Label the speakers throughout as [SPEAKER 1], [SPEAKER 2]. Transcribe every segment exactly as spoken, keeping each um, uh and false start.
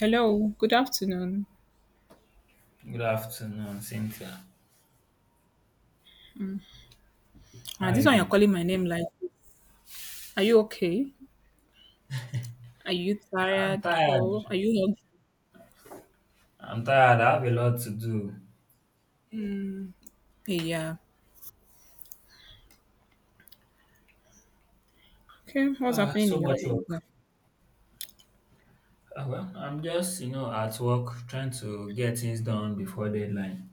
[SPEAKER 1] Hello, good afternoon.
[SPEAKER 2] Good afternoon, Cynthia. How
[SPEAKER 1] Uh,
[SPEAKER 2] are
[SPEAKER 1] this
[SPEAKER 2] you
[SPEAKER 1] one you're
[SPEAKER 2] doing?
[SPEAKER 1] calling my name like, are you okay? Are you
[SPEAKER 2] I'm
[SPEAKER 1] tired
[SPEAKER 2] tired.
[SPEAKER 1] or are you
[SPEAKER 2] I'm tired. I have a lot to do.
[SPEAKER 1] not? Hey, yeah. Okay, what's
[SPEAKER 2] Uh,
[SPEAKER 1] happening
[SPEAKER 2] so
[SPEAKER 1] in your
[SPEAKER 2] much
[SPEAKER 1] area?
[SPEAKER 2] work. Uh, well, I'm just, you know, at work trying to get things done before deadline.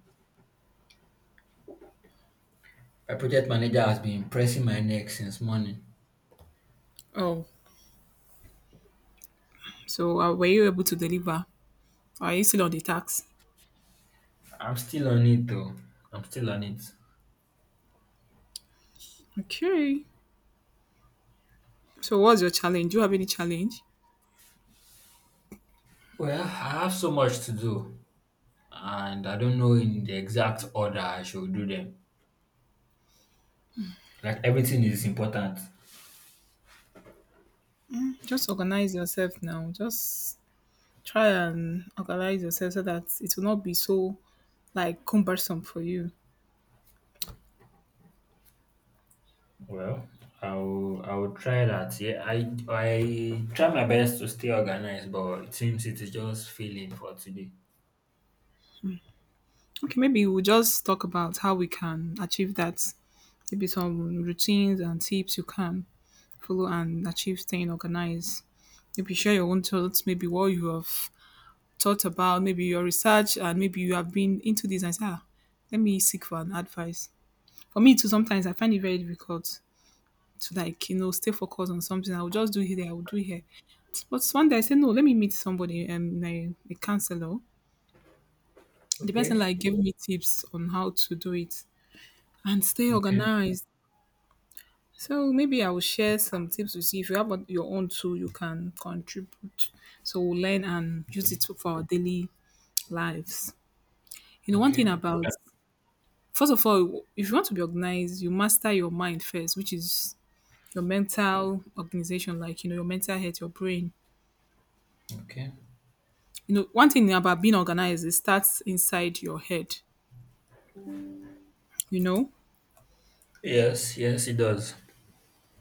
[SPEAKER 2] My project manager has been pressing my neck since morning.
[SPEAKER 1] Oh, so uh, were you able to deliver? Are you still on the tax?
[SPEAKER 2] I'm still on it though. I'm still on it.
[SPEAKER 1] Okay. So what's your challenge? Do you have any challenge?
[SPEAKER 2] Well, I have so much to do, and I don't know in the exact order I should do them. Like everything is important.
[SPEAKER 1] Just organize yourself now. Just try and organize yourself so that it will not be so like cumbersome for you.
[SPEAKER 2] Well, I'll I'll try that. Yeah, I I try my best to stay organized, but it seems it is just failing for today.
[SPEAKER 1] Okay, maybe we'll just talk about how we can achieve that. Maybe some routines and tips you can follow and achieve staying organized. Maybe share your own thoughts, maybe what you have thought about, maybe your research, and maybe you have been into this and say, ah, let me seek for an advice. For me too, sometimes I find it very difficult to, like, you know, stay focused on something. I will just do here, I will do here. But one day I said, no, let me meet somebody, um, a, a counselor. The person
[SPEAKER 2] Okay.
[SPEAKER 1] like gave me tips on how to do it and stay
[SPEAKER 2] Okay.
[SPEAKER 1] organized. So maybe I will share some tips with you. If you have on- your own too, you can contribute. So we'll learn and use
[SPEAKER 2] Okay.
[SPEAKER 1] it for our daily lives. You know, one thing
[SPEAKER 2] Okay.
[SPEAKER 1] about, first of all, if you want to be organized, you master your mind first, which is your mental organization, like you know, your mental health, your brain.
[SPEAKER 2] Okay.
[SPEAKER 1] You know, one thing about being organized, it starts inside your head, you know?
[SPEAKER 2] Yes. Yes, it does.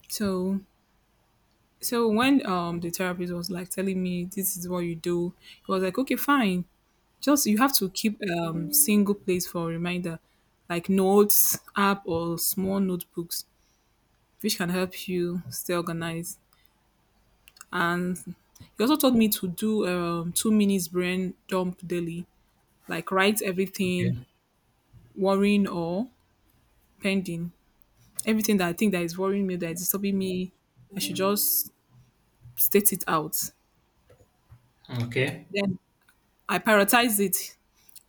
[SPEAKER 1] So so when um the therapist was like telling me this is what you do, it was like, okay, fine. Just you have to keep um single place for reminder, like notes, app or small notebooks, which can help you stay organized. And he also taught me to do um two minutes brain dump daily, like write everything
[SPEAKER 2] Okay.
[SPEAKER 1] worrying or pending, everything that I think that is worrying me, that is disturbing me. I should just state it out.
[SPEAKER 2] Okay.
[SPEAKER 1] Then I prioritize it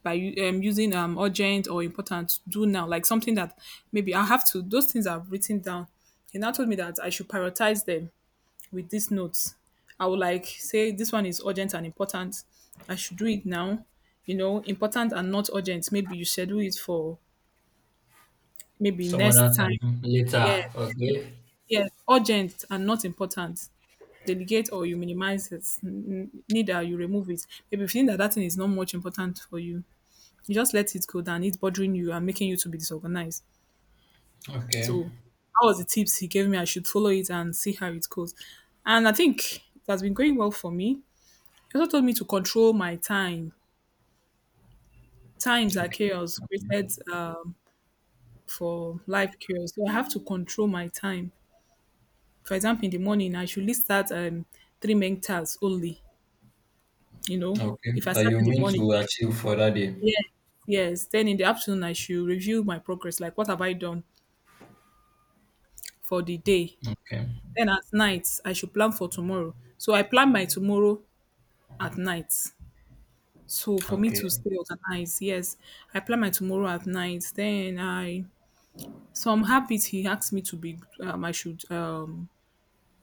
[SPEAKER 1] by u- um, using um, urgent or important, do now, like something that maybe I have to, those things I've written down. He now told me that I should prioritize them with these notes. I would like say this one is urgent and important. I should do it now. You know, important and not urgent. Maybe you schedule it for maybe
[SPEAKER 2] Some other
[SPEAKER 1] next time.
[SPEAKER 2] time
[SPEAKER 1] Yeah,
[SPEAKER 2] later. Okay.
[SPEAKER 1] yes, urgent and not important. Delegate or you minimize it. N- n- Neither you remove it. Maybe if you think that that thing is not much important for you, you just let it go down. It's bothering you and making you to be disorganized.
[SPEAKER 2] Okay.
[SPEAKER 1] So that was the tips he gave me. I should follow it and see how it goes. And I think it has been going well for me. He also told me to control my time. Times are
[SPEAKER 2] Okay.
[SPEAKER 1] chaos
[SPEAKER 2] Okay.
[SPEAKER 1] created um, for life chaos. So I have to control my time. For example, in the morning, I should list out um, three main tasks only. You know,
[SPEAKER 2] Okay.
[SPEAKER 1] if I
[SPEAKER 2] That
[SPEAKER 1] start
[SPEAKER 2] you
[SPEAKER 1] in the
[SPEAKER 2] mean
[SPEAKER 1] morning,
[SPEAKER 2] to achieve for that day.
[SPEAKER 1] yes, yes. Then in the afternoon, I should review my progress. Like, what have I done for the day?
[SPEAKER 2] Okay.
[SPEAKER 1] Then at night, I should plan for tomorrow. So I plan my tomorrow at night. So for me to
[SPEAKER 2] Okay.
[SPEAKER 1] stay organized, yes, I plan my tomorrow at night. Then I some habits he asked me to be um, I should um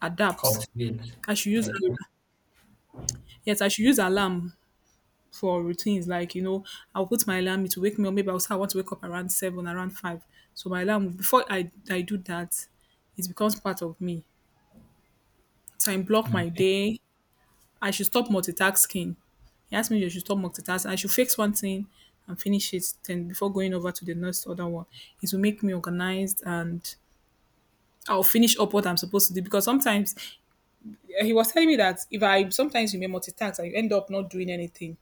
[SPEAKER 1] adapt.
[SPEAKER 2] Cultivate.
[SPEAKER 1] I should use
[SPEAKER 2] Okay.
[SPEAKER 1] yes, I should use alarm for routines. Like you know, I'll put my alarm to wake me up. Maybe I'll say I want to wake up around seven, around five. So my alarm before I I do that, it becomes part of me. So I block my
[SPEAKER 2] Okay.
[SPEAKER 1] day. I should stop multitasking. He asked me if I should stop multitasking. I should fix one thing and finish it then before going over to the next other one. It will make me organized and I'll finish up what I'm supposed to do because sometimes eh, he was telling me that if I sometimes you may multitask, I end up not doing anything.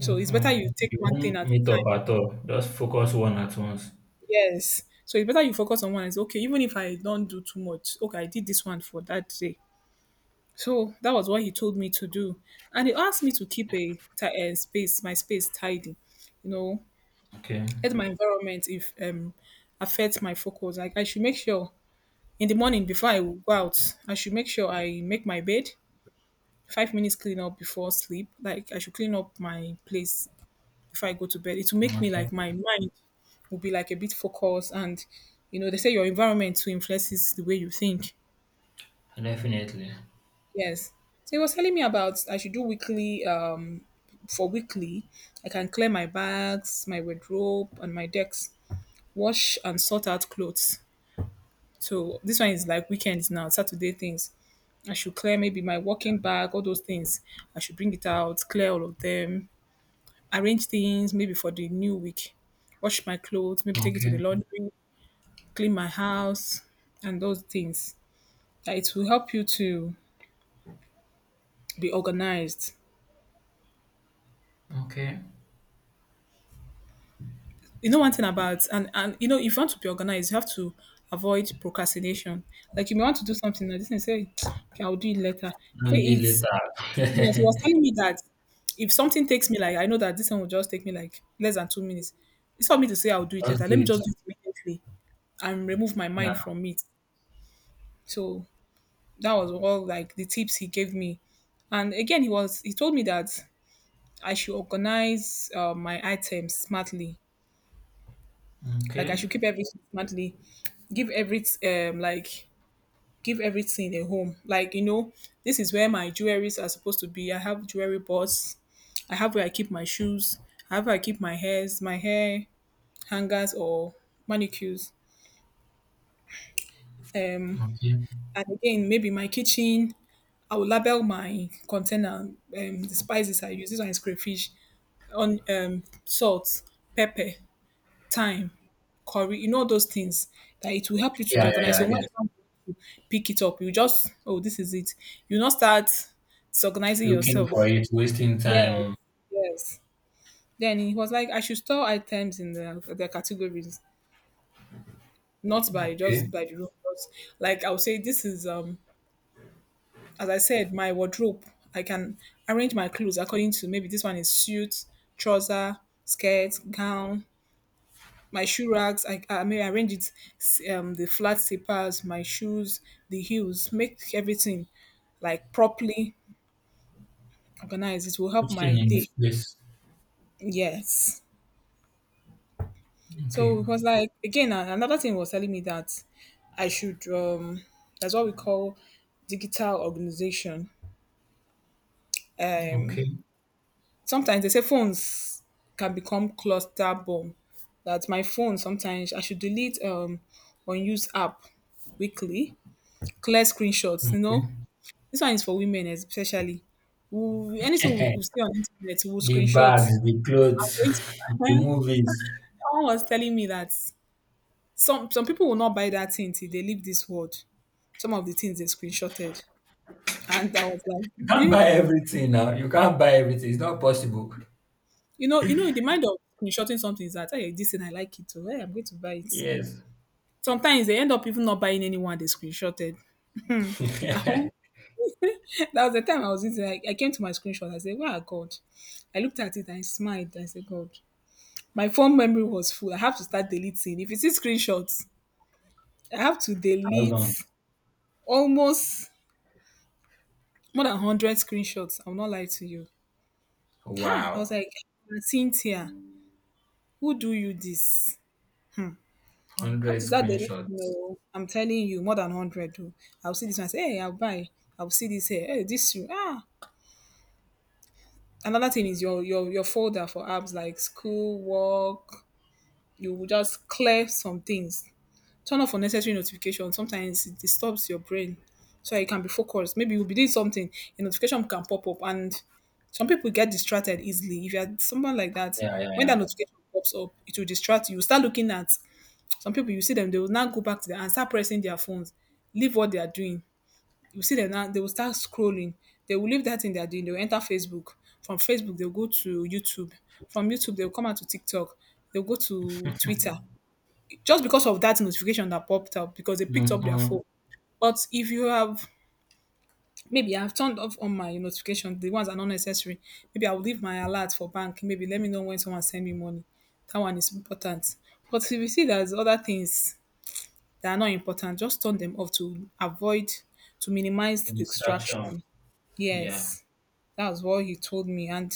[SPEAKER 1] So it's better you take
[SPEAKER 2] You
[SPEAKER 1] one thing
[SPEAKER 2] won't
[SPEAKER 1] at a
[SPEAKER 2] meet up
[SPEAKER 1] time.
[SPEAKER 2] at all. Just focus one at once.
[SPEAKER 1] Yes. So it's better you focus on one. It's okay, even if I don't do too much. Okay, I did this one for that day. So that was what he told me to do. And he asked me to keep a, ti- a space, my space tidy, you know,
[SPEAKER 2] Okay.
[SPEAKER 1] let my environment if um affect my focus. Like I should make sure in the morning before I go out, I should make sure I make my bed, five minutes clean up before sleep. Like I should clean up my place before I go to bed. It will make me
[SPEAKER 2] Okay.
[SPEAKER 1] like my mind will be like a bit focused and you know, they say your environment too influences the way you think.
[SPEAKER 2] Definitely.
[SPEAKER 1] Yes. So he was telling me about I should do weekly um for weekly, I can clear my bags, my wardrobe, and my decks, wash and sort out clothes. So this one is like weekends now, Saturday things. I should clear maybe my walking bag, all those things. I should bring it out, clear all of them, arrange things maybe for the new week, wash my clothes, maybe take it to the
[SPEAKER 2] Okay.
[SPEAKER 1] laundry, clean my house, and those things. That it will help you to be organized.
[SPEAKER 2] Okay.
[SPEAKER 1] You know, one thing about, and and you know, if you want to be organized you have to avoid procrastination. Like you may want to do something and this thing say, okay, I'll do it later.
[SPEAKER 2] No
[SPEAKER 1] Say
[SPEAKER 2] deal
[SPEAKER 1] it's yes, he
[SPEAKER 2] later.
[SPEAKER 1] was telling me that if something takes me like I know that this one will just take me like less than two minutes, it's for me to say I'll do it
[SPEAKER 2] Just
[SPEAKER 1] later. Let
[SPEAKER 2] do
[SPEAKER 1] me
[SPEAKER 2] it.
[SPEAKER 1] just do it immediately and remove my
[SPEAKER 2] Yeah.
[SPEAKER 1] mind from it. So that was all like the tips he gave me. And again, he was he told me that I should organize uh, my items smartly. Like I
[SPEAKER 2] Okay.
[SPEAKER 1] should keep everything smartly, give every um like give everything a home. Like you know, this is where my jewelries are supposed to be. I have jewelry box. I have where I keep my shoes. I have where I keep my hairs, my hair hangers or manicures. Um,
[SPEAKER 2] Okay.
[SPEAKER 1] and again, maybe my kitchen. I will label my container, um, the spices I use. This one is crayfish, on um, salt, pepper, thyme, curry. You know those things that it will help you to be
[SPEAKER 2] Yeah, yeah,
[SPEAKER 1] organized.
[SPEAKER 2] yeah.
[SPEAKER 1] So
[SPEAKER 2] I
[SPEAKER 1] when you
[SPEAKER 2] get.
[SPEAKER 1] come pick it up. You just, oh, this is it. You not start disorganizing
[SPEAKER 2] Looking for
[SPEAKER 1] yourself.
[SPEAKER 2] it, wasting
[SPEAKER 1] Yes,
[SPEAKER 2] time.
[SPEAKER 1] yes. Then he was like, I should store items in the their categories, not by just
[SPEAKER 2] Okay.
[SPEAKER 1] by the room. But like I would say, this is um, as I said, my wardrobe. I can arrange my clothes according to maybe this one is suit, trouser, skirt, gown. My shoe racks, I, I may arrange it, s- um, the flat slippers, my shoes, the heels, make everything like properly organized. It will help my
[SPEAKER 2] Everything in its
[SPEAKER 1] day.
[SPEAKER 2] place.
[SPEAKER 1] Yes.
[SPEAKER 2] Okay.
[SPEAKER 1] So it was like again a- another thing was telling me that I should um that's what we call digital organization. Um
[SPEAKER 2] Okay.
[SPEAKER 1] sometimes they say phones can become cluster bomb. That my phone sometimes I should delete um unused app weekly, clear screenshots, you
[SPEAKER 2] Okay.
[SPEAKER 1] know. This one is for women especially. We, anything we we see on internet, we'll
[SPEAKER 2] The
[SPEAKER 1] screenshot.
[SPEAKER 2] bags, the
[SPEAKER 1] I'm
[SPEAKER 2] clothes,
[SPEAKER 1] going to,
[SPEAKER 2] the
[SPEAKER 1] someone
[SPEAKER 2] movies.
[SPEAKER 1] was telling me that Some some people will not buy that thing till they leave this world. Some of the things they screenshotted, and I was like,
[SPEAKER 2] You can't buy
[SPEAKER 1] hmm.
[SPEAKER 2] everything now. You can't buy everything. It's not possible.
[SPEAKER 1] you know, you know, the mind of screenshotting something is that hey, this thing I like it, oh, hey, I'm going to buy it.
[SPEAKER 2] Yes.
[SPEAKER 1] Sometimes they end up even not buying anyone they screenshotted. That
[SPEAKER 2] Thousands.
[SPEAKER 1] was the time I was using. I, I came to my screenshot. I said, "Wow, God!" I looked at it. I smiled. I said, "God." My phone memory was full. I have to start deleting. If you see screenshots, I have to delete almost more than hundred screenshots. I will not lie to you. Ha! I was
[SPEAKER 2] Wow.
[SPEAKER 1] like, "Aunt Cynthia, who do you this?" I'm
[SPEAKER 2] Hundred
[SPEAKER 1] to start deleting
[SPEAKER 2] screenshots.
[SPEAKER 1] know. I'm telling you, more than one hundred oh. I'll see this one, I say, "Hey, I'll buy." I'll see this here, "Hey, this shoe, ah!" Another thing is your your your folder for apps like school, work. You will just clear some things. Turn off unnecessary notifications. Sometimes it disturbs your brain so you can be focused. Maybe you'll be doing something, a notification can pop up, and some people get distracted easily. If you're someone like that,
[SPEAKER 2] Yeah, yeah,
[SPEAKER 1] when that
[SPEAKER 2] yeah.
[SPEAKER 1] notification pops up, it will distract you. You start looking at some people, you see them, they will now go back to them and start pressing their phones, leave what they are doing. You see them now, they will start scrolling. They will leave that thing they are doing. They will enter Facebook. From Facebook, they'll go to YouTube. From YouTube, they'll come out to TikTok. They'll go to Twitter just because of that notification that popped up because they picked up their
[SPEAKER 2] Mm-hmm.
[SPEAKER 1] phone. But if you have maybe I've turned off on my notification, the ones that are not necessary. Maybe I'll leave my alert for bank. Maybe let me know when someone send me money. That one is important. But if you see there's other things that are not important, just turn them off to avoid to
[SPEAKER 2] The
[SPEAKER 1] minimize
[SPEAKER 2] distraction.
[SPEAKER 1] distraction.
[SPEAKER 2] Yeah.
[SPEAKER 1] Yes, that was what he told me, and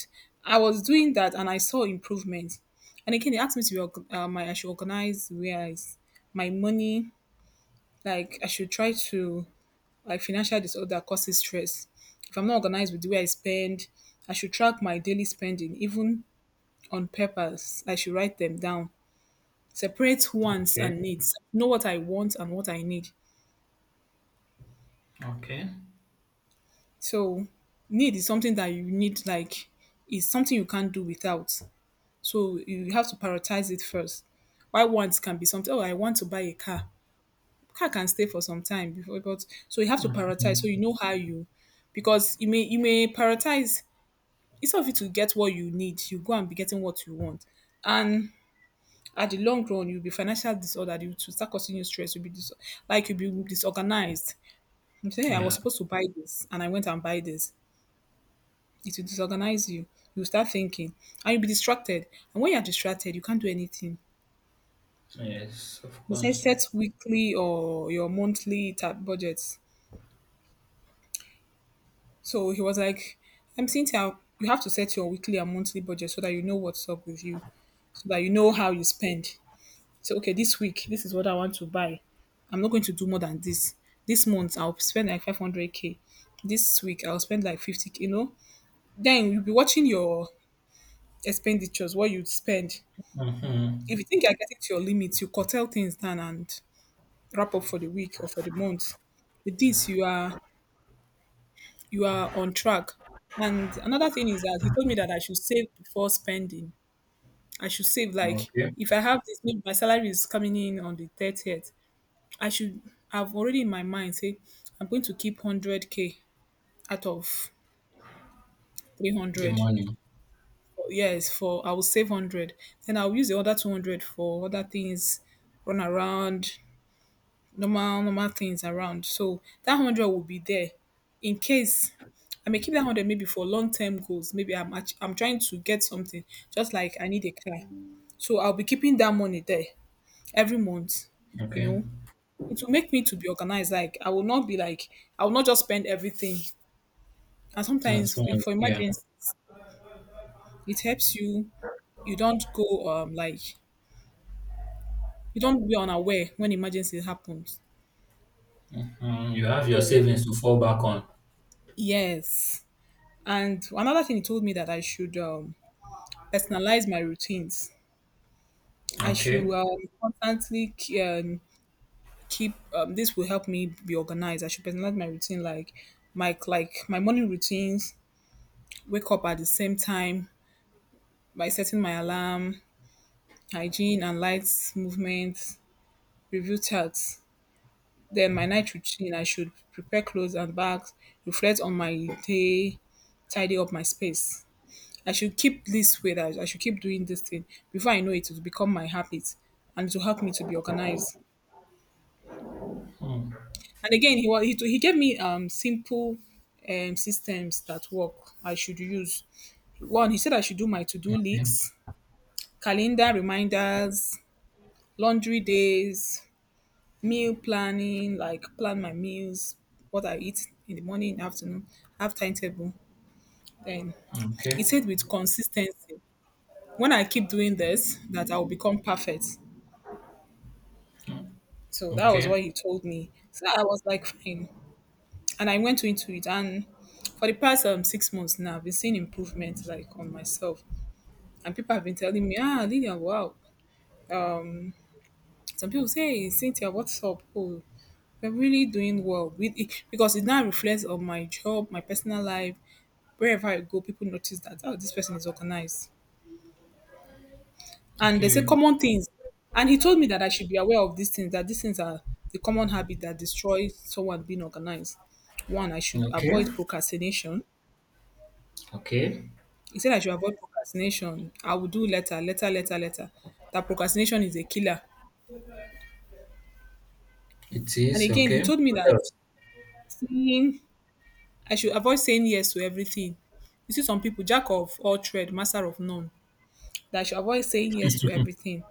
[SPEAKER 1] I was doing that, and I saw improvement. And again, he asked me to be, org- um, I should organize where I, s- my money. Like I should try to, like, financial disorder causes stress. If I'm not organized with the way I spend, I should track my daily spending, even on purpose. I should write them down. Separate wants
[SPEAKER 2] Okay.
[SPEAKER 1] and needs. Know what I want and what I need.
[SPEAKER 2] Okay.
[SPEAKER 1] So need is something that you need, like is something you can't do without. So you have to prioritize it first. Why wants can be something, oh, I want to buy a car. Car can stay for some time before, but so you have to prioritize, so you
[SPEAKER 2] Mhm.
[SPEAKER 1] know how you, because you may you may prioritize instead of you to get what you need, you go and be getting what you want. And at the long run, you'll be financial disordered, you to start causing you stress, you'll be dis- like you'll be disorganized. You say, "Hey, i was
[SPEAKER 2] Yeah.
[SPEAKER 1] supposed to buy this and i went and buy this." It will disorganize you, you start thinking, and you'll be distracted, and when you're distracted you can't do anything.
[SPEAKER 2] Yes, of
[SPEAKER 1] Besides,
[SPEAKER 2] course.
[SPEAKER 1] set weekly or your monthly tab budgets. So he was like, I'm Cynthia, you have to set your weekly and monthly budget so that you know what's up with you, so that you know how you spend. So, okay, this week, this is what I want to buy. I'm not going to do more than this. This month, I'll spend like five hundred k. This week, I'll spend like fifty k, you know? Then you'll be watching your expenditures, what you spend. If
[SPEAKER 2] Mm-hmm.
[SPEAKER 1] you think you're getting to your limits, you curtail things down and wrap up for the week or for the month. With this, you are you are on track. And another thing is that he told me that I should save before spending. I should save like
[SPEAKER 2] Okay.
[SPEAKER 1] if I have this, maybe my salary is coming in on the thirtieth. I should have already in my mind say I'm going to keep one hundred k out of
[SPEAKER 2] The
[SPEAKER 1] three hundred.
[SPEAKER 2] money.
[SPEAKER 1] Yes, for I will save one hundred. Then I'll use the other two hundred for other things, run around, normal normal things around. So that one hundred will be there in case. I may keep that one hundred maybe for long-term goals. Maybe I'm act- I'm trying to get something, just like I need a car. So I'll be keeping that money there every month, you
[SPEAKER 2] Okay.
[SPEAKER 1] know. It will make me to be organized. Like I will not be, like I will not just spend everything. And
[SPEAKER 2] That's
[SPEAKER 1] sometimes
[SPEAKER 2] one.
[SPEAKER 1] if for
[SPEAKER 2] Yeah.
[SPEAKER 1] emergencies, it helps you. You don't go, um like you don't be unaware when emergency happens.
[SPEAKER 2] Mm, you have your
[SPEAKER 1] So
[SPEAKER 2] savings to fall back on.
[SPEAKER 1] yes. And another thing he told me that I should, um, personalize my routines. I should,
[SPEAKER 2] Okay.
[SPEAKER 1] um, constantly um, keep, um, this will help me be organized. I should personalize my routine like my like my morning routines, wake up at the same time by setting my alarm, hygiene and lights movement, review charts. Then my night routine, I should prepare clothes and bags, reflect on my day, tidy up my space. I should keep this way that I should keep doing this thing. Before I know it, it will become my habit and to help me to be organized.
[SPEAKER 2] Mm.
[SPEAKER 1] And again, he was he, he gave me um simple um systems that work I should use. One, he said I should do my to-do
[SPEAKER 2] Okay.
[SPEAKER 1] lists, calendar
[SPEAKER 2] Okay.
[SPEAKER 1] reminders, laundry days, meal planning, like plan my meals, what I eat in the morning, in the afternoon, have timetable. Then he
[SPEAKER 2] Okay.
[SPEAKER 1] said with consistency, when I keep doing this, that I will become perfect. So that was
[SPEAKER 2] Okay.
[SPEAKER 1] what he told me. So I was like, fine. And I went into it. And for the past um, six months now, I've been seeing improvement like on myself. And people have been telling me, ah, Lydia, wow. Some people say, "Hey, Cynthia, what's up? Oh, you're really doing well with it because it now reflects on my job, my personal life. Wherever I go, people notice that, oh, this person is organized. And they say common things. And he told me that I should be aware of these things, that these things are the common habit that destroys someone being organized. One, I should
[SPEAKER 2] Okay.
[SPEAKER 1] avoid
[SPEAKER 2] Okay.
[SPEAKER 1] procrastination.
[SPEAKER 2] Okay.
[SPEAKER 1] He said I should avoid procrastination. I will do later, later, later, later. That procrastination is a killer.
[SPEAKER 2] It
[SPEAKER 1] And
[SPEAKER 2] is
[SPEAKER 1] again, he
[SPEAKER 2] okay.
[SPEAKER 1] told me
[SPEAKER 2] What
[SPEAKER 1] that,
[SPEAKER 2] else?
[SPEAKER 1] saying I should avoid saying yes to everything. You see, some people, jack of all trade, master of none. That I should avoid saying yes to everything.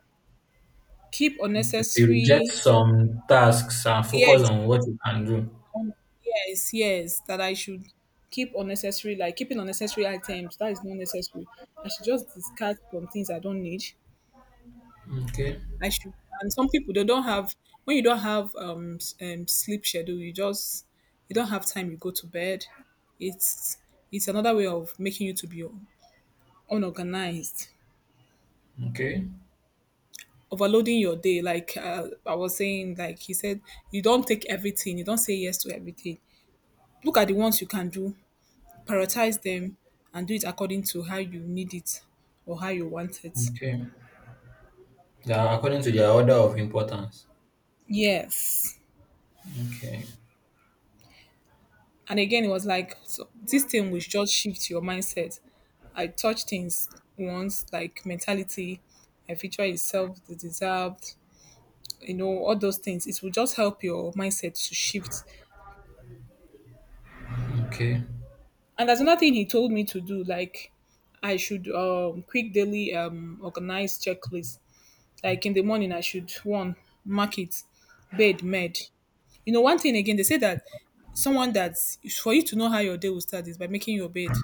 [SPEAKER 1] Keep
[SPEAKER 2] Okay, so you reject
[SPEAKER 1] unnecessary,
[SPEAKER 2] some tasks and focus
[SPEAKER 1] yes,
[SPEAKER 2] on what you can do.
[SPEAKER 1] um, yes, yes. That I should keep unnecessary, like keeping unnecessary items. That is not necessary. I should just discard some things I don't need
[SPEAKER 2] Okay,
[SPEAKER 1] I should. And some people they don't have, when you don't have, um, s- um sleep schedule, you just you don't have time. You go to bed. It's it's another way of making you to be unorganized,
[SPEAKER 2] okay,
[SPEAKER 1] overloading your day. Like, uh, I was saying, like he said, you don't take everything. You don't say yes to everything. Look at the ones you can do, prioritize them, and do it according to how you need it or how you want it.
[SPEAKER 2] okay. They are according to their order of importance.
[SPEAKER 1] Yes.
[SPEAKER 2] Okay,
[SPEAKER 1] And again, it was like so this thing will just shift your mindset. I touch things once, like mentality, my future is self deserved, you know, all those things. It will just help your mindset to shift.
[SPEAKER 2] okay.
[SPEAKER 1] And there's another thing he told me to do, like I should um quick daily um organize checklist. Like in the morning, I should one mark it, bed med. You know, one thing again, they say that someone that's, for you to know how your day will start is by making your bed.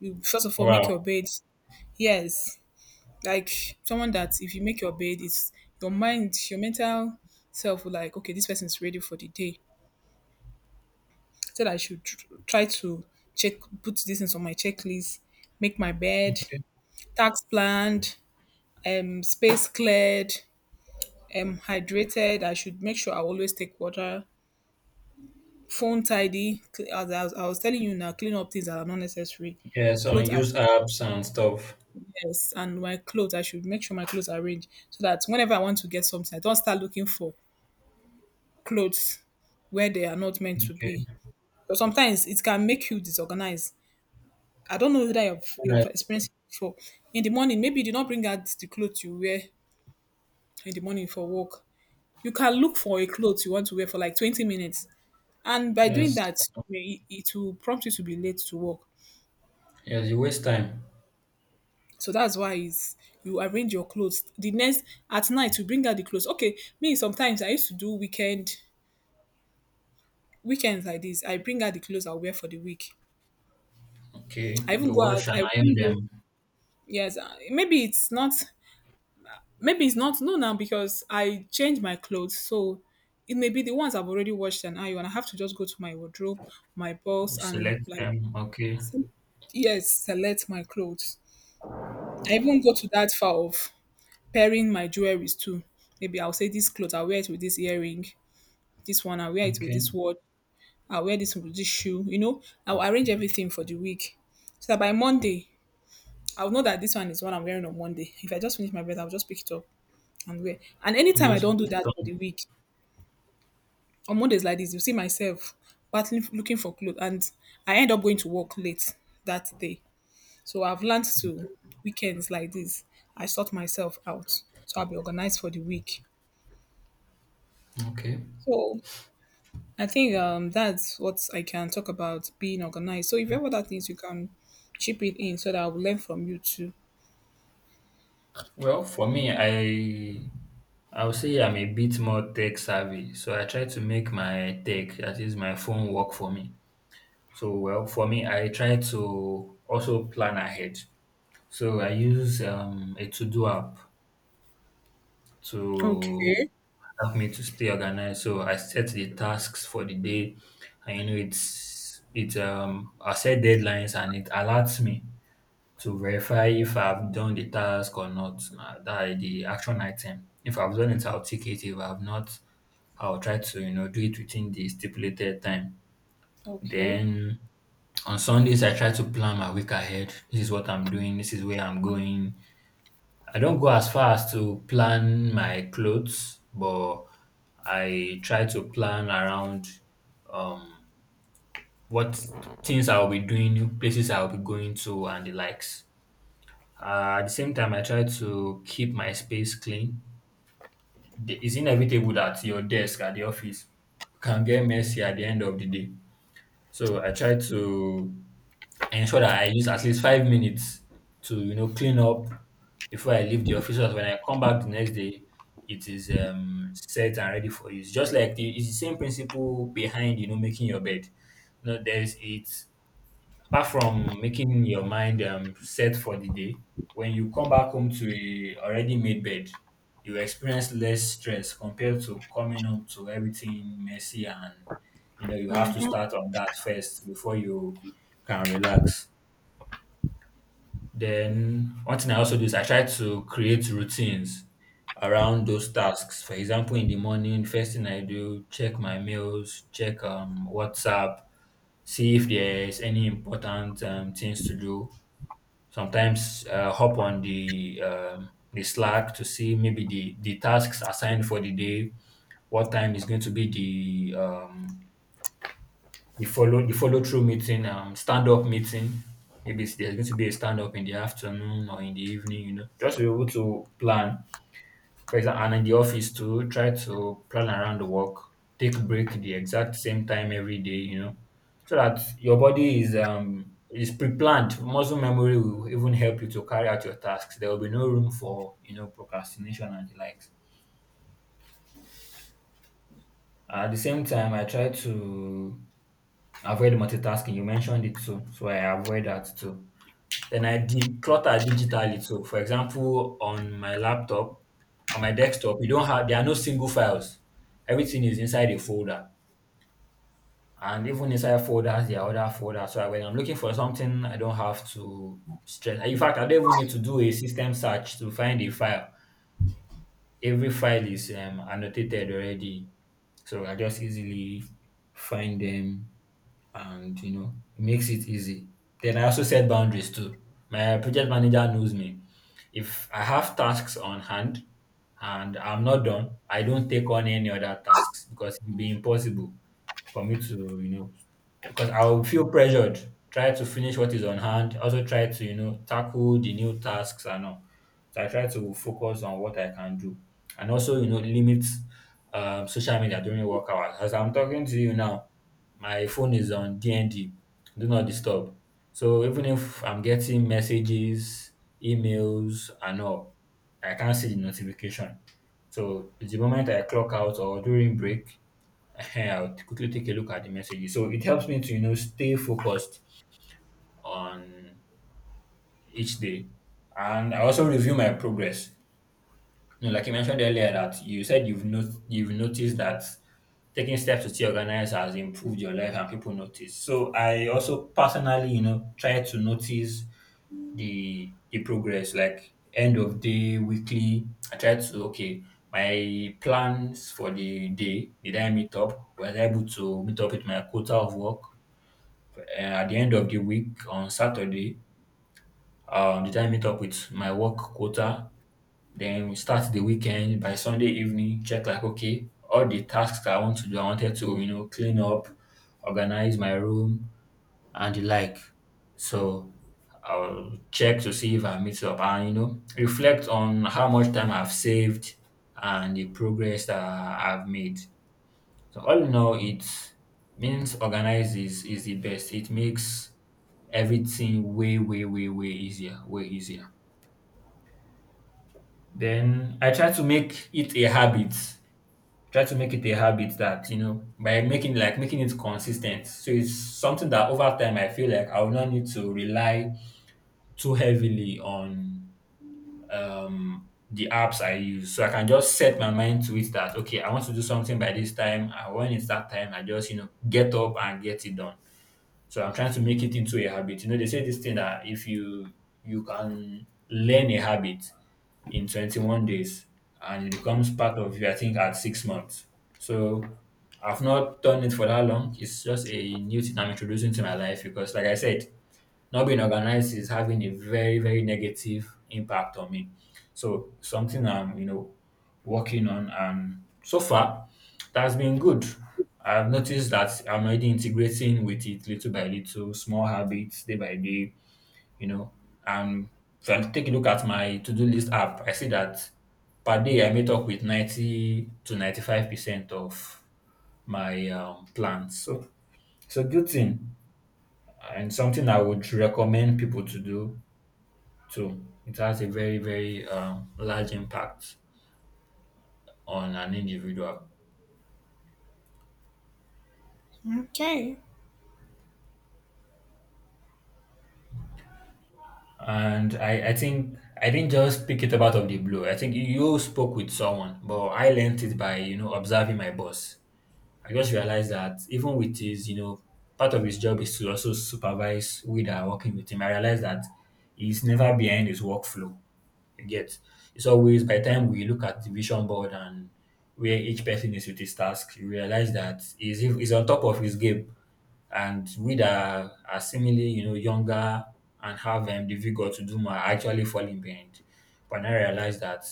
[SPEAKER 1] You first of all make your
[SPEAKER 2] Wow.
[SPEAKER 1] bed. Yes, like someone that if you make your bed, it's your mind, your mental self will, like, okay, this person's ready for the day. So that I should tr- try to check, put these things on my checklist, make my bed,
[SPEAKER 2] Okay.
[SPEAKER 1] tax planned, um, space cleared, um, hydrated. I should make sure I always take water, phone tidy. cl- As I was, I was telling you now, clean up things that are not necessary.
[SPEAKER 2] Yeah, so
[SPEAKER 1] Clothes are,
[SPEAKER 2] use apps and stuff.
[SPEAKER 1] yes, and my clothes, I should make sure my clothes are arranged so that whenever I want to get something, I don't start looking for clothes where they are not meant to
[SPEAKER 2] Okay.
[SPEAKER 1] be. But sometimes it can make you disorganized. I don't know whether you've,
[SPEAKER 2] All
[SPEAKER 1] you've
[SPEAKER 2] right.
[SPEAKER 1] experienced it before. In the morning, maybe you did not bring out the clothes you wear in the morning for work. You can look for a clothes you want to wear for like twenty minutes. And by doing
[SPEAKER 2] Yes.
[SPEAKER 1] that, may- it will prompt you to be late to work.
[SPEAKER 2] Yes, you waste time.
[SPEAKER 1] So that's why it's, you arrange your clothes. The next, at night, you bring out the clothes. Okay, me, sometimes I used to do weekend, weekends like this. I bring out the clothes i wear for the week.
[SPEAKER 2] Okay.
[SPEAKER 1] I even
[SPEAKER 2] You
[SPEAKER 1] go out,
[SPEAKER 2] wash and
[SPEAKER 1] I
[SPEAKER 2] iron
[SPEAKER 1] even
[SPEAKER 2] them.
[SPEAKER 1] go yes, uh, maybe it's not. Maybe it's not. No, now because I change my clothes, so it may be the ones I've already washed and ironed. I have to just go to my wardrobe, my
[SPEAKER 2] You
[SPEAKER 1] box, and
[SPEAKER 2] select
[SPEAKER 1] like
[SPEAKER 2] them. Okay.
[SPEAKER 1] se- yes, select my clothes. I even go to that far of pairing my jewelries too. Maybe I'll say this clothes, I'll wear it with this earring. This one, I'll wear it with
[SPEAKER 2] Okay.
[SPEAKER 1] this watch. I'll wear this with this shoe. You know, I'll arrange everything for the week so that by Monday I'll know that this one is what I'm wearing on Monday. If I just finish my bed, I'll just pick it up and wear. And anytime I
[SPEAKER 2] Just
[SPEAKER 1] don't do
[SPEAKER 2] put
[SPEAKER 1] that
[SPEAKER 2] it
[SPEAKER 1] for
[SPEAKER 2] on.
[SPEAKER 1] the week, on Mondays like this, you see myself battling looking for clothes, and I end up going to work late that day. So I've learned
[SPEAKER 2] Okay.
[SPEAKER 1] to weekends like this. I sort myself out, so I'll be organized for the week.
[SPEAKER 2] Okay.
[SPEAKER 1] So I think um, that's what I can talk about being organized. So if you have other things, you can chip it in so that I will learn from you too.
[SPEAKER 2] Well, for me, I I would say I'm a bit more tech savvy, so I try to make my tech, that is my phone, work for me. So, well, for me, I try to also plan ahead. So I use um, a to-do app to
[SPEAKER 1] Okay.
[SPEAKER 2] help me to stay organized. So I set the tasks for the day, and you know, it's it um I set deadlines and it alerts me to verify if I've done the task or not. Uh, that is the action item. If I've done it, I'll tick it. If I've not, I'll try to you know do it within the stipulated time.
[SPEAKER 1] Okay.
[SPEAKER 2] Then on Sundays, I try to plan my week ahead. This is what I'm doing. This is where I'm going. I don't go as far as to plan my clothes, but I try to plan around um, what things I'll be doing, places I'll be going to, and the likes. Uh, at the same time, I try to keep my space clean. The- It's inevitable that your desk at the office can get messy at the end of the day. So I try to ensure that I use at least five minutes to you know clean up before I leave the office. So that when I come back the next day, it is um, set and ready for use. Just like the, it's the same principle behind you know making your bed. You know, there's it. Apart from making your mind um, set for the day, when you come back home to a already made bed, you experience less stress compared to coming home to everything messy and you know you have to start on that first before you can relax. Then one thing I also do is I try to create routines around those tasks. For example, in the morning, first thing I do, check my mails, check um WhatsApp, see if there's any important um, things to do. Sometimes, uh, hop on the um, the Slack to see maybe the the tasks assigned for the day, what time is going to be the um, the follow the follow through meeting, um, stand up meeting. Maybe it's- there's going to be a stand up in the afternoon or in the evening. You know, just be able to plan for example, and in the office too, try to plan around the work, take break the exact same time every day, you know, so that your body is um is pre-planned. Muscle memory will even help you to carry out your tasks. There will be no room for you know procrastination and the likes. At the same time, I try to avoid multitasking. You mentioned it too, so I avoid that too. Then I declutter digitally. So, for example, on my laptop, on my desktop, you don't have, there are no single files. Everything is inside a folder, and even inside folders, there are other folders. So when I'm looking for something, I don't have to stress. In fact, I don't even need to do a system search to find a file. Every file is um, annotated already, so I just easily find them and you know it makes it easy. Then I also set boundaries too. My project manager knows me. If I have tasks on hand and I'm not done, I don't take on any other tasks because it would be impossible for me to you know because I will feel pressured. Try to finish what is on hand. Also try to you know tackle the new tasks and all. So I try to focus on what I can do, and also you know limit um, social media during work hours. As I'm talking to you now, my phone is on D N D, do not disturb. So even if I'm getting messages, emails, and all, I can't see the notification. So the moment I clock out or during break, Ehen, I'll quickly take a look at the messages. So it helps me to, you know, stay focused on each day. And I also review my progress. No, like you mentioned earlier, that you said you've not, you've noticed that taking steps to stay organized has improved your life and people notice. So I also personally, you know, try to notice the the progress, like end of day, weekly. I try to okay, my plans for the day. Did I meet up? Was I able to meet up with my quota of work uh, at the end of the week on Saturday? Um, did I meet up with my work quota? Then we start the weekend by Sunday evening, check like okay, all the tasks I want to do, I wanted to, you know, clean up, organize my room and the like. So I'll check to see if I meet up and you know, reflect on how much time I've saved and the progress that I've made. So all in all it means organize is is the best. It makes everything way, way, way, way easier, way easier. Then I try to make it a habit, try to make it a habit that you know by making like making it consistent so it's something that over time I feel like I will not need to rely too heavily on um the apps I use so I can just set my mind to it that okay I want to do something by this time and when it's that time I just you know get up and get it done. So I'm trying to make it into a habit. You know, they say this thing that if you you can learn a habit in twenty-one days and it becomes part of you, I think, at six months. So I've not done it for that long. It's just a new thing I'm introducing to my life because, like I said, not being organized is having a very, very negative impact on me. So something I'm, you know, working on. And so far, that's been good. I've noticed that I'm already integrating with it little by little, small habits, day by day, you know. And if I take a look at my to-do list app, I see that per day I meet up with ninety to ninety-five percent of my um, plans. So it's a good thing and something I would recommend people to do too. It has a very, very um, large impact on an individual.
[SPEAKER 1] Okay.
[SPEAKER 2] And I, I think I didn't just pick it up out of the blue. I think you spoke with someone, but I learned it by, you know, observing my boss. I just realized that even with his, you know, part of his job is to also supervise we that are working with him. I realized that he's never behind his workflow. You get it's always by the time we look at the vision board and where each person is with his task, you realize that he's, he's on top of his game. And we that are, are seemingly, you know, younger and have um, the vigor to do more are actually falling behind. But now I realize that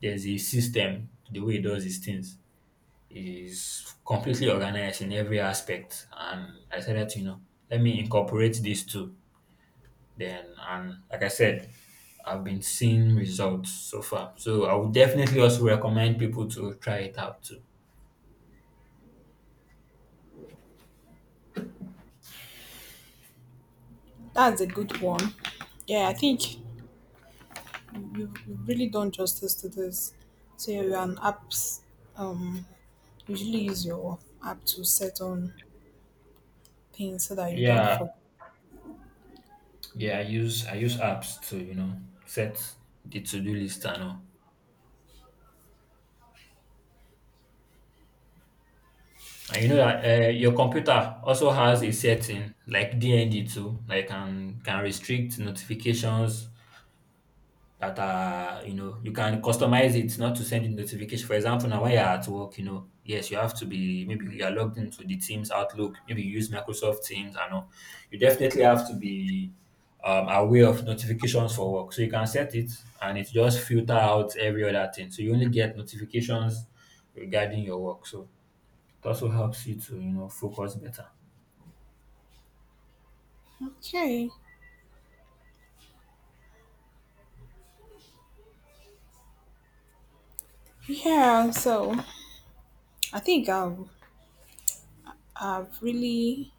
[SPEAKER 2] there's a system to the way he does his things is completely organized in every aspect. And I said that, you know, let me incorporate these two. Then, and like I said, I've been seeing results so far. So I would definitely also recommend people to try it out too.
[SPEAKER 1] That's a good one. Yeah, I think you've, you've really done justice to this. So you an apps um usually use your app to set on things so that you don't
[SPEAKER 2] Yeah,
[SPEAKER 1] forget.
[SPEAKER 2] yeah. I use I use apps to you know set the to do list and all. And you know that uh, your computer also has a setting like D N D too, like can can restrict notifications that are you know you can customize it not to send you notification. For example, now while you're at work, you know, yes, you have to be maybe you're logged into the Teams Outlook, maybe you use Microsoft Teams and all. You definitely have to be um, aware of notifications for work. So you can set it and it just filter out every other thing. So you only get notifications regarding your work. So it also helps you to, you know, focus better.
[SPEAKER 1] Okay. Yeah, so I think I've I've really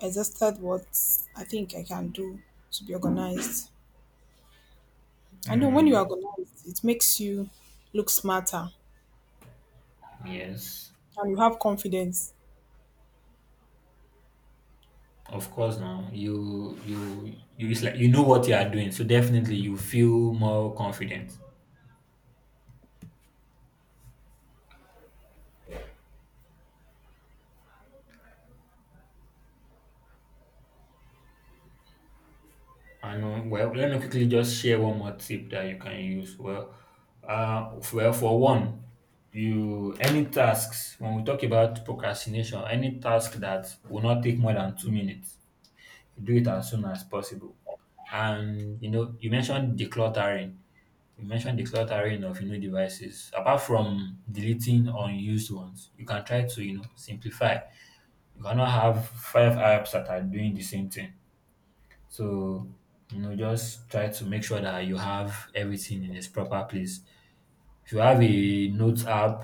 [SPEAKER 1] exhausted what I think I can do to be organized. I know when you're
[SPEAKER 2] Mm,
[SPEAKER 1] organized, it makes you look smarter
[SPEAKER 2] yes.
[SPEAKER 1] and you have confidence.
[SPEAKER 2] Of course now you you you it's like you know what you are doing, so definitely you feel more confident. And um, well, let me quickly just share one more tip that you can use. Well, uh, well for one, you any tasks when we talk about procrastination, any task that will not take more than two minutes, do it as soon as possible. And you know, you mentioned decluttering You mentioned decluttering of you know devices. Apart from deleting unused ones, you can try to you know simplify. You cannot have five apps that are doing the same thing. So you know just try to make sure that you have everything in its proper place. If you have a notes app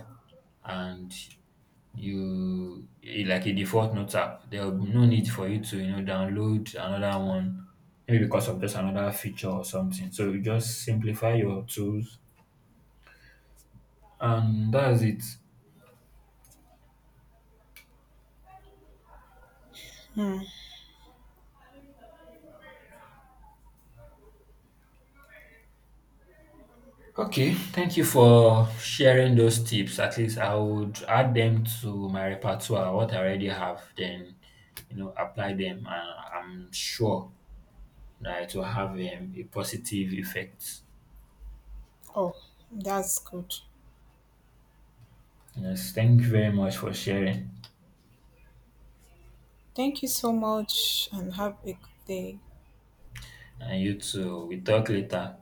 [SPEAKER 2] and you eh, like a default notes app, there will be no need for you to you know download another one maybe because of just another feature or something. So you just simplify your tools. And that's it. Okay, thank you for sharing those tips. At least I would add them to my repertoire, what I already have, then you know, apply them, and I'm sure that it will have um, a positive effect.
[SPEAKER 1] Oh, that's good.
[SPEAKER 2] Yes, thank you very much for sharing.
[SPEAKER 1] Thank you so much and have a good day.
[SPEAKER 2] And you too. We talk later.